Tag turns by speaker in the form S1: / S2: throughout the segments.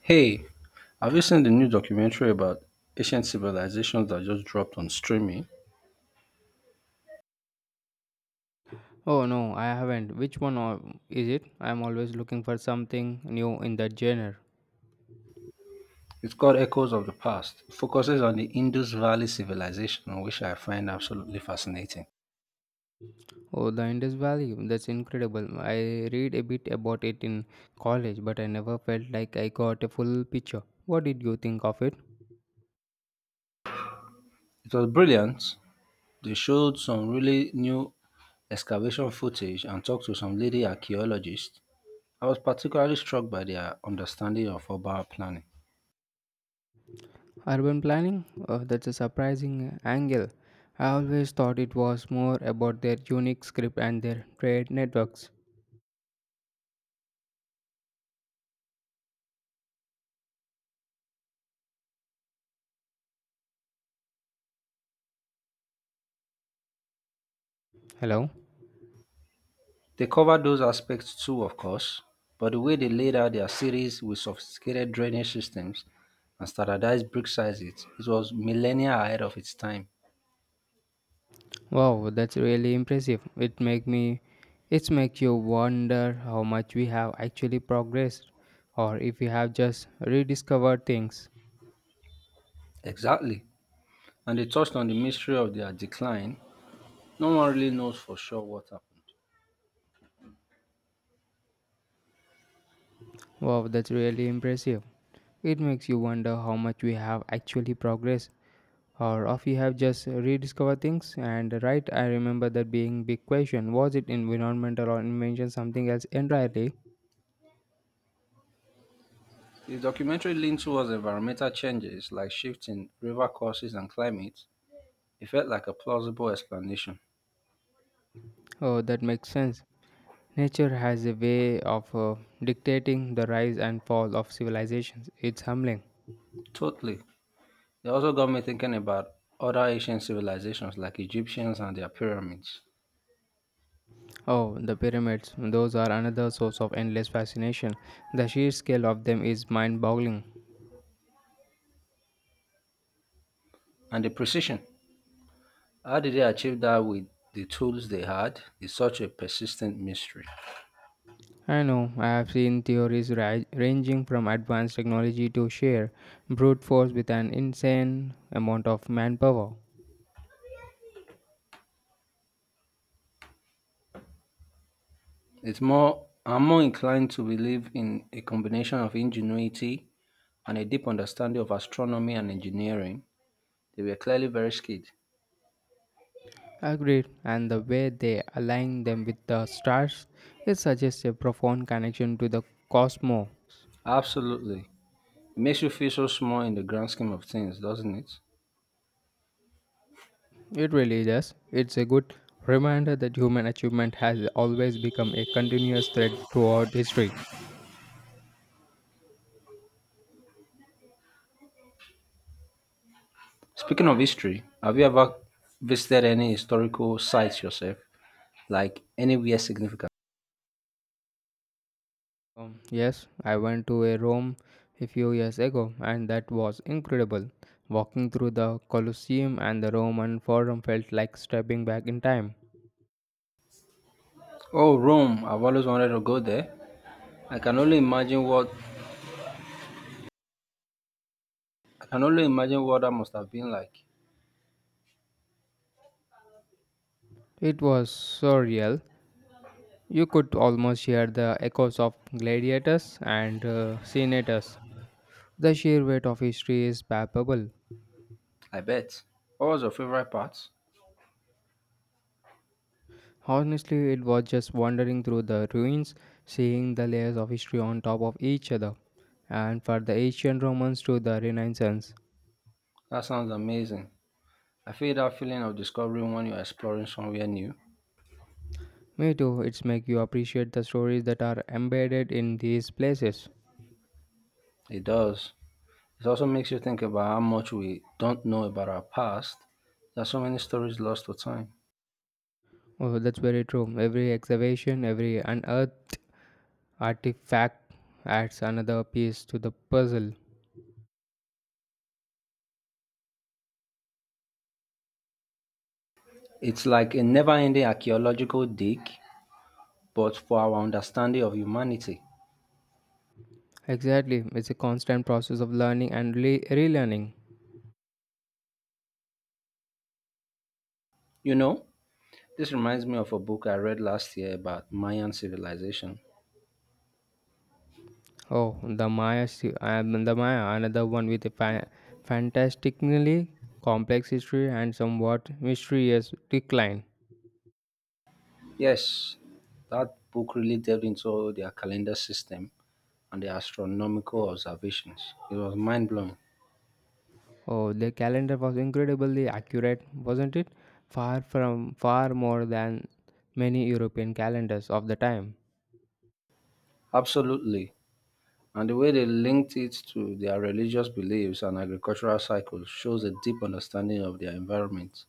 S1: Hey, have you seen the new documentary about ancient civilizations that just dropped on streaming?
S2: Oh no, I haven't. Is it? I'm always looking for something new in that genre.
S1: It's called Echoes of the Past. It focuses on the Indus Valley civilization, which I find absolutely fascinating.
S2: Oh, the Indus Valley. That's incredible. I read a bit about it in college, but I never felt like I got a full picture. What did you think of it?
S1: It was brilliant. They showed some really new excavation footage and talked to some lady archaeologists. I was particularly struck by their understanding of urban planning.
S2: Urban planning? Oh, that's a surprising angle. I always thought it was more about their unique script and their trade networks. Hello?
S1: They covered those aspects too, of course, but the way they laid out their cities with sophisticated drainage systems and standardized brick sizes, it was millennia ahead of its time.
S2: Wow, that's really impressive. It makes you wonder how much we have actually progressed or if we have just rediscovered things.
S1: Exactly. And they touched on the mystery of their decline. No one really knows for sure what happened.
S2: Wow, that's really impressive. It makes you wonder how much we have actually progressed or if we have just rediscovered things. And right, I remember that being big question, was it environmental or invention something else entirely?
S1: The documentary leaned towards environmental changes like shifts in river courses and climate. It felt like a plausible explanation.
S2: Oh, that makes sense. Nature has a way of dictating the rise and fall of civilizations. It's humbling.
S1: Totally. It also got me thinking about other ancient civilizations like Egyptians and their pyramids.
S2: Oh, the pyramids. Those are another source of endless fascination. The sheer scale of them is mind boggling.
S1: And the precision. How did they achieve that with the tools they had is such a persistent mystery.
S2: I know, I have seen theories ranging from advanced technology to sheer brute force with an insane amount of manpower.
S1: It's more I'm more inclined to believe in a combination of ingenuity and a deep understanding of astronomy and engineering. They were clearly very skilled.
S2: Agreed, and the way they align them with the stars, it suggests a profound connection to the cosmos.
S1: Absolutely. It makes you feel so small in the grand scheme of things, doesn't it?
S2: It really does. It's a good reminder that human achievement has always become a continuous thread throughout history.
S1: Speaking of history, have you ever visited any historical sites yourself? Like anywhere significant?
S2: Yes, I went to a Rome a few years ago and that was incredible. Walking through the Colosseum and the Roman Forum felt like stepping back in time.
S1: Oh, Rome. I've always wanted to go there. I can only imagine what I can only imagine what that must have been like.
S2: It was surreal. You could almost hear the echoes of gladiators and senators. The sheer weight of history is palpable.
S1: I bet. What was your favorite part?
S2: Honestly, it was just wandering through the ruins, seeing the layers of history on top of each other, and for the ancient Romans to the Renaissance.
S1: That sounds amazing. I feel that feeling of discovering when you're exploring somewhere new.
S2: Me too. It's make you appreciate the stories that are embedded in these places.
S1: It does. It also makes you think about how much we don't know about our past. There are so many stories lost to time.
S2: Oh, that's very true. Every excavation, every unearthed artifact adds another piece to the puzzle.
S1: It's like a never ending archaeological dig, but for our understanding of humanity.
S2: Exactly. It's a constant process of learning and relearning.
S1: You know, this reminds me of a book I read last year about Mayan civilization.
S2: Oh, the Maya, the Maya, another one with a fantastically complex history and somewhat mysterious decline.
S1: Yes, that book really delved into their calendar system and the astronomical observations. It was mind blowing.
S2: Oh, the calendar was incredibly accurate, wasn't it? Far more than many European calendars of the time.
S1: Absolutely. And the way they linked it to their religious beliefs and agricultural cycles shows a deep understanding of their environment.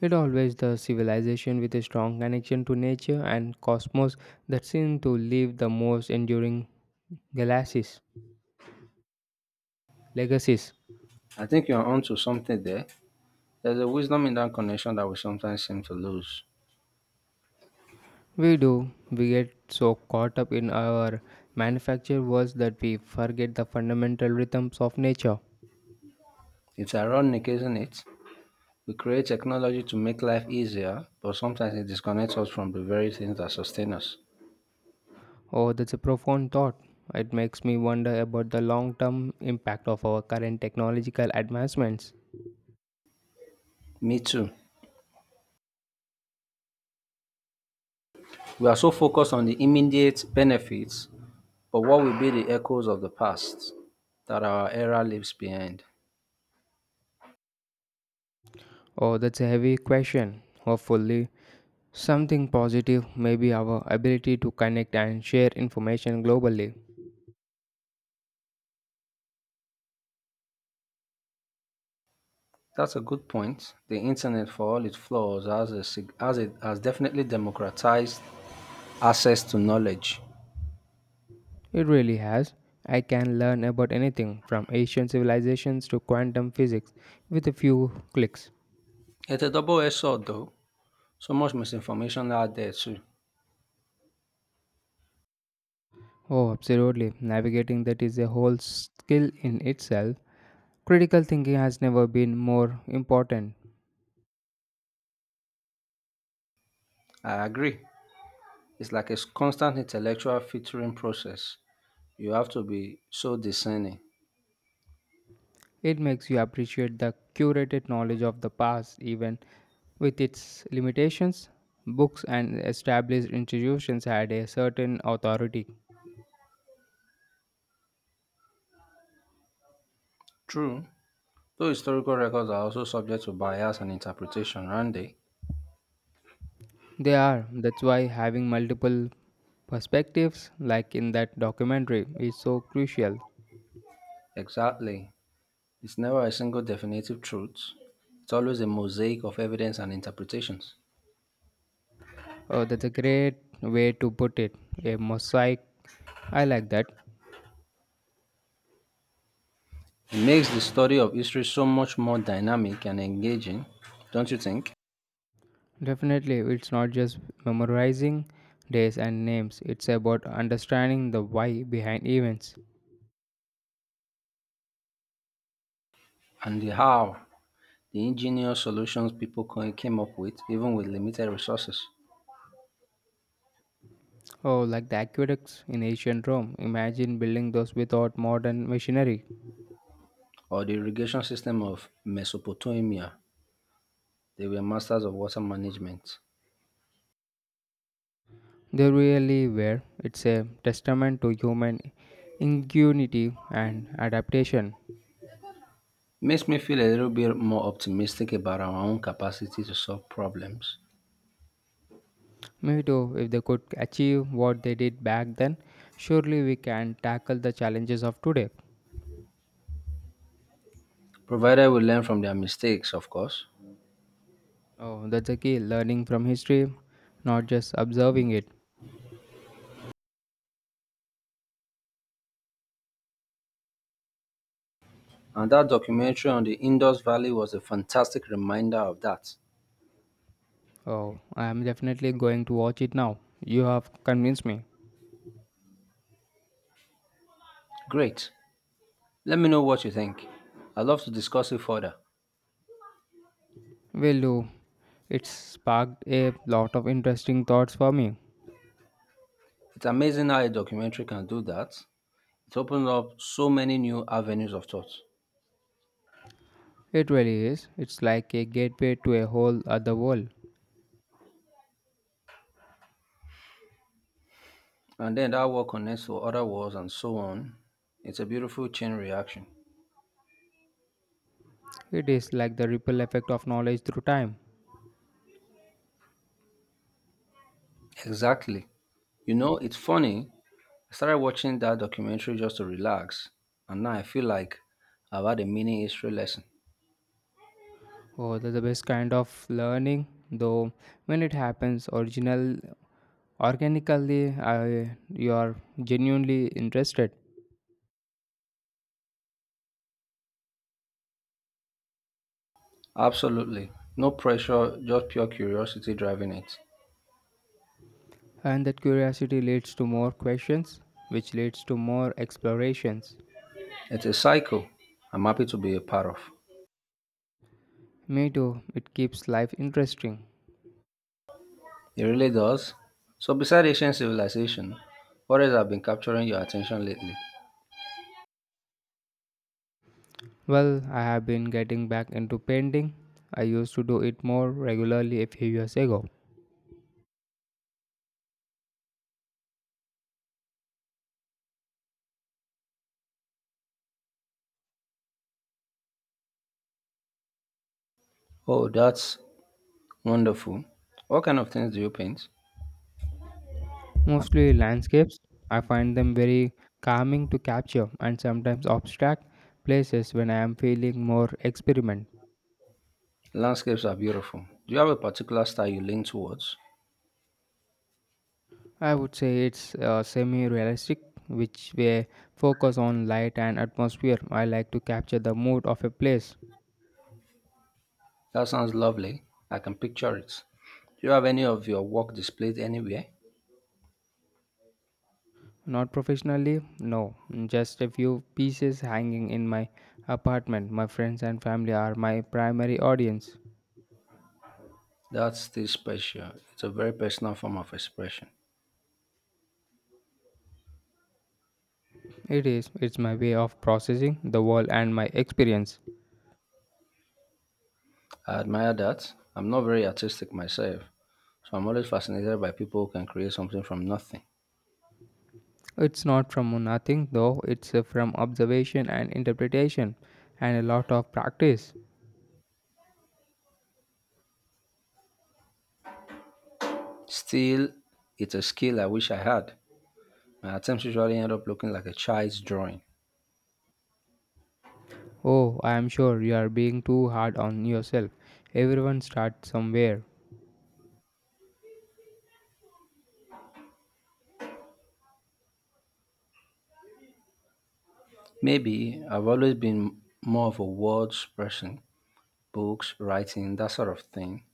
S2: It always the civilization with a strong connection to nature and cosmos that seem to leave the most enduring galaxies, legacies.
S1: I think you're onto something there. There's a wisdom in that connection that we sometimes seem to lose.
S2: We do. We get so caught up in our manufactured worlds that we forget the fundamental rhythms of nature.
S1: It's ironic, isn't it? We create technology to make life easier, but sometimes it disconnects us from the very things that sustain us.
S2: Oh, that's a profound thought. It makes me wonder about the long term impact of our current technological advancements.
S1: Me too. We are so focused on the immediate benefits, but what will be the echoes of the past that our era leaves behind?
S2: Oh, that's a heavy question. Hopefully, something positive maybe our ability to connect and share information globally.
S1: That's a good point. The internet, for all its flaws, has, a, sig- has, it, has definitely democratized access to knowledge.
S2: It really has. I can learn about anything from ancient civilizations to quantum physics with a few clicks.
S1: It's a double edged sword, though. So much misinformation out there, too.
S2: Oh, absolutely. Navigating that is a whole skill in itself. Critical thinking has never been more important.
S1: I agree. It's like a constant intellectual filtering process. You have to be so discerning.
S2: It makes you appreciate the curated knowledge of the past, even with its limitations. Books and established institutions had a certain authority.
S1: True, though historical records are also subject to bias and interpretation, aren't they?
S2: They are. That's why having multiple perspectives, like in that documentary, is so crucial.
S1: Exactly. It's never a single definitive truth, it's always a mosaic of evidence and interpretations.
S2: Oh, that's a great way to put it. A mosaic. I like that.
S1: It makes the study of history so much more dynamic and engaging, don't you think?
S2: Definitely, it's not just memorizing days and names, it's about understanding the why behind events.
S1: And the how, the ingenious solutions came up with, even with limited resources,
S2: Oh, like the aqueducts in ancient Rome. Imagine building those without modern machinery.
S1: or the irrigation system of Mesopotamia, they were masters of water management.
S2: They really were. It's a testament to human ingenuity and adaptation.
S1: Makes me feel a little bit more optimistic about our own capacity to solve problems,
S2: Maybe too, if they could achieve what they did back then, surely we can tackle the challenges of today.
S1: provided we learn from their mistakes, of course.
S2: Oh, that's the key. Learning from history, not just observing it.
S1: And that documentary on the Indus Valley was a fantastic reminder of that.
S2: Oh, I am definitely going to watch it now. You have convinced me.
S1: Great. Let me know what you think. I'd love to discuss it further.
S2: Will do. It's sparked a lot of interesting thoughts for me.
S1: It's amazing how a documentary can do that. It opens up so many new avenues of thought.
S2: It really is. It's like a gateway to a whole other world.
S1: And then that work connects to other worlds and so on. It's a beautiful chain reaction.
S2: It is like the ripple effect of knowledge through time.
S1: Exactly. You know, it's funny. I started watching that documentary just to relax, and now I feel like I've had a mini history lesson.
S2: Oh, that's the best kind of learning, though when it happens original organically I, you are genuinely interested.
S1: Absolutely. No pressure, just pure curiosity driving it.
S2: And that curiosity leads to more questions which leads to more explorations.
S1: It's a cycle I'm happy to be a part of.
S2: Me too, it keeps life interesting.
S1: It really does. So, beside ancient civilization, what else have been capturing your attention lately?
S2: Well, I have been getting back into painting. I used to do it more regularly a few years ago,
S1: Oh, that's wonderful. What kind of things do you paint?
S2: mostly landscapes. I find them very calming to capture and sometimes abstract places when I am feeling more experiment.
S1: Landscapes are beautiful. Do you have a particular style you lean towards?
S2: I would say it's semi realistic, which way focus on light and atmosphere. I like to capture the mood of a place.
S1: That sounds lovely. I can picture it. Do you have any of your work displayed anywhere?
S2: Not professionally, no, just a few pieces hanging in my apartment. My friends and family are my primary audience.
S1: That's still special. It's a very personal form of expression.
S2: It is. It's my way of processing the world and my experience.
S1: I admire that. I'm not very artistic myself, so I'm always fascinated by people who can create something from nothing.
S2: It's not from nothing though, it's from observation and interpretation and a lot of practice.
S1: Still, it's a skill I wish I had. My attempts usually end up looking like a child's drawing.
S2: Oh, I am sure you are being too hard on yourself. Everyone starts somewhere.
S1: Maybe I've always been more of a words person, books, writing, that sort of thing.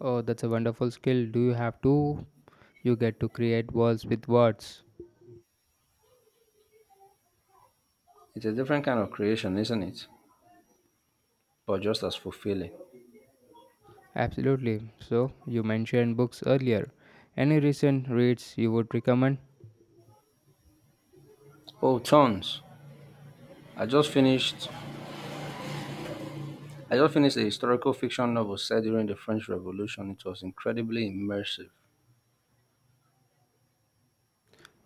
S2: Oh, that's a wonderful skill. Do you have to? You get to create worlds with words.
S1: It's a different kind of creation, isn't it? But just as fulfilling.
S2: Absolutely. So, you mentioned books earlier. Any recent reads you would recommend?
S1: Oh, tons. I just finished I just finished a historical fiction novel set during the French Revolution. It was incredibly immersive.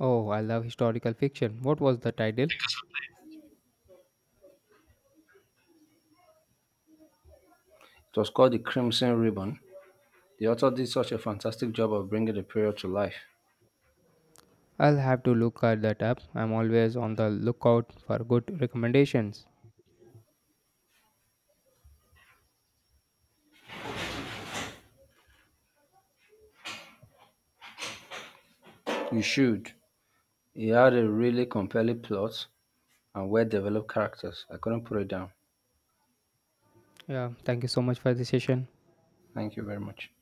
S2: Oh, I love historical fiction. What was the title?
S1: It was called The Crimson Ribbon. The author did such a fantastic job of bringing the period to life.
S2: I'll have to look at that app. I'm always on the lookout for good recommendations.
S1: You should. He had a really compelling plot and well developed characters. I couldn't put it down.
S2: Yeah, thank you so much for the session.
S1: Thank you very much.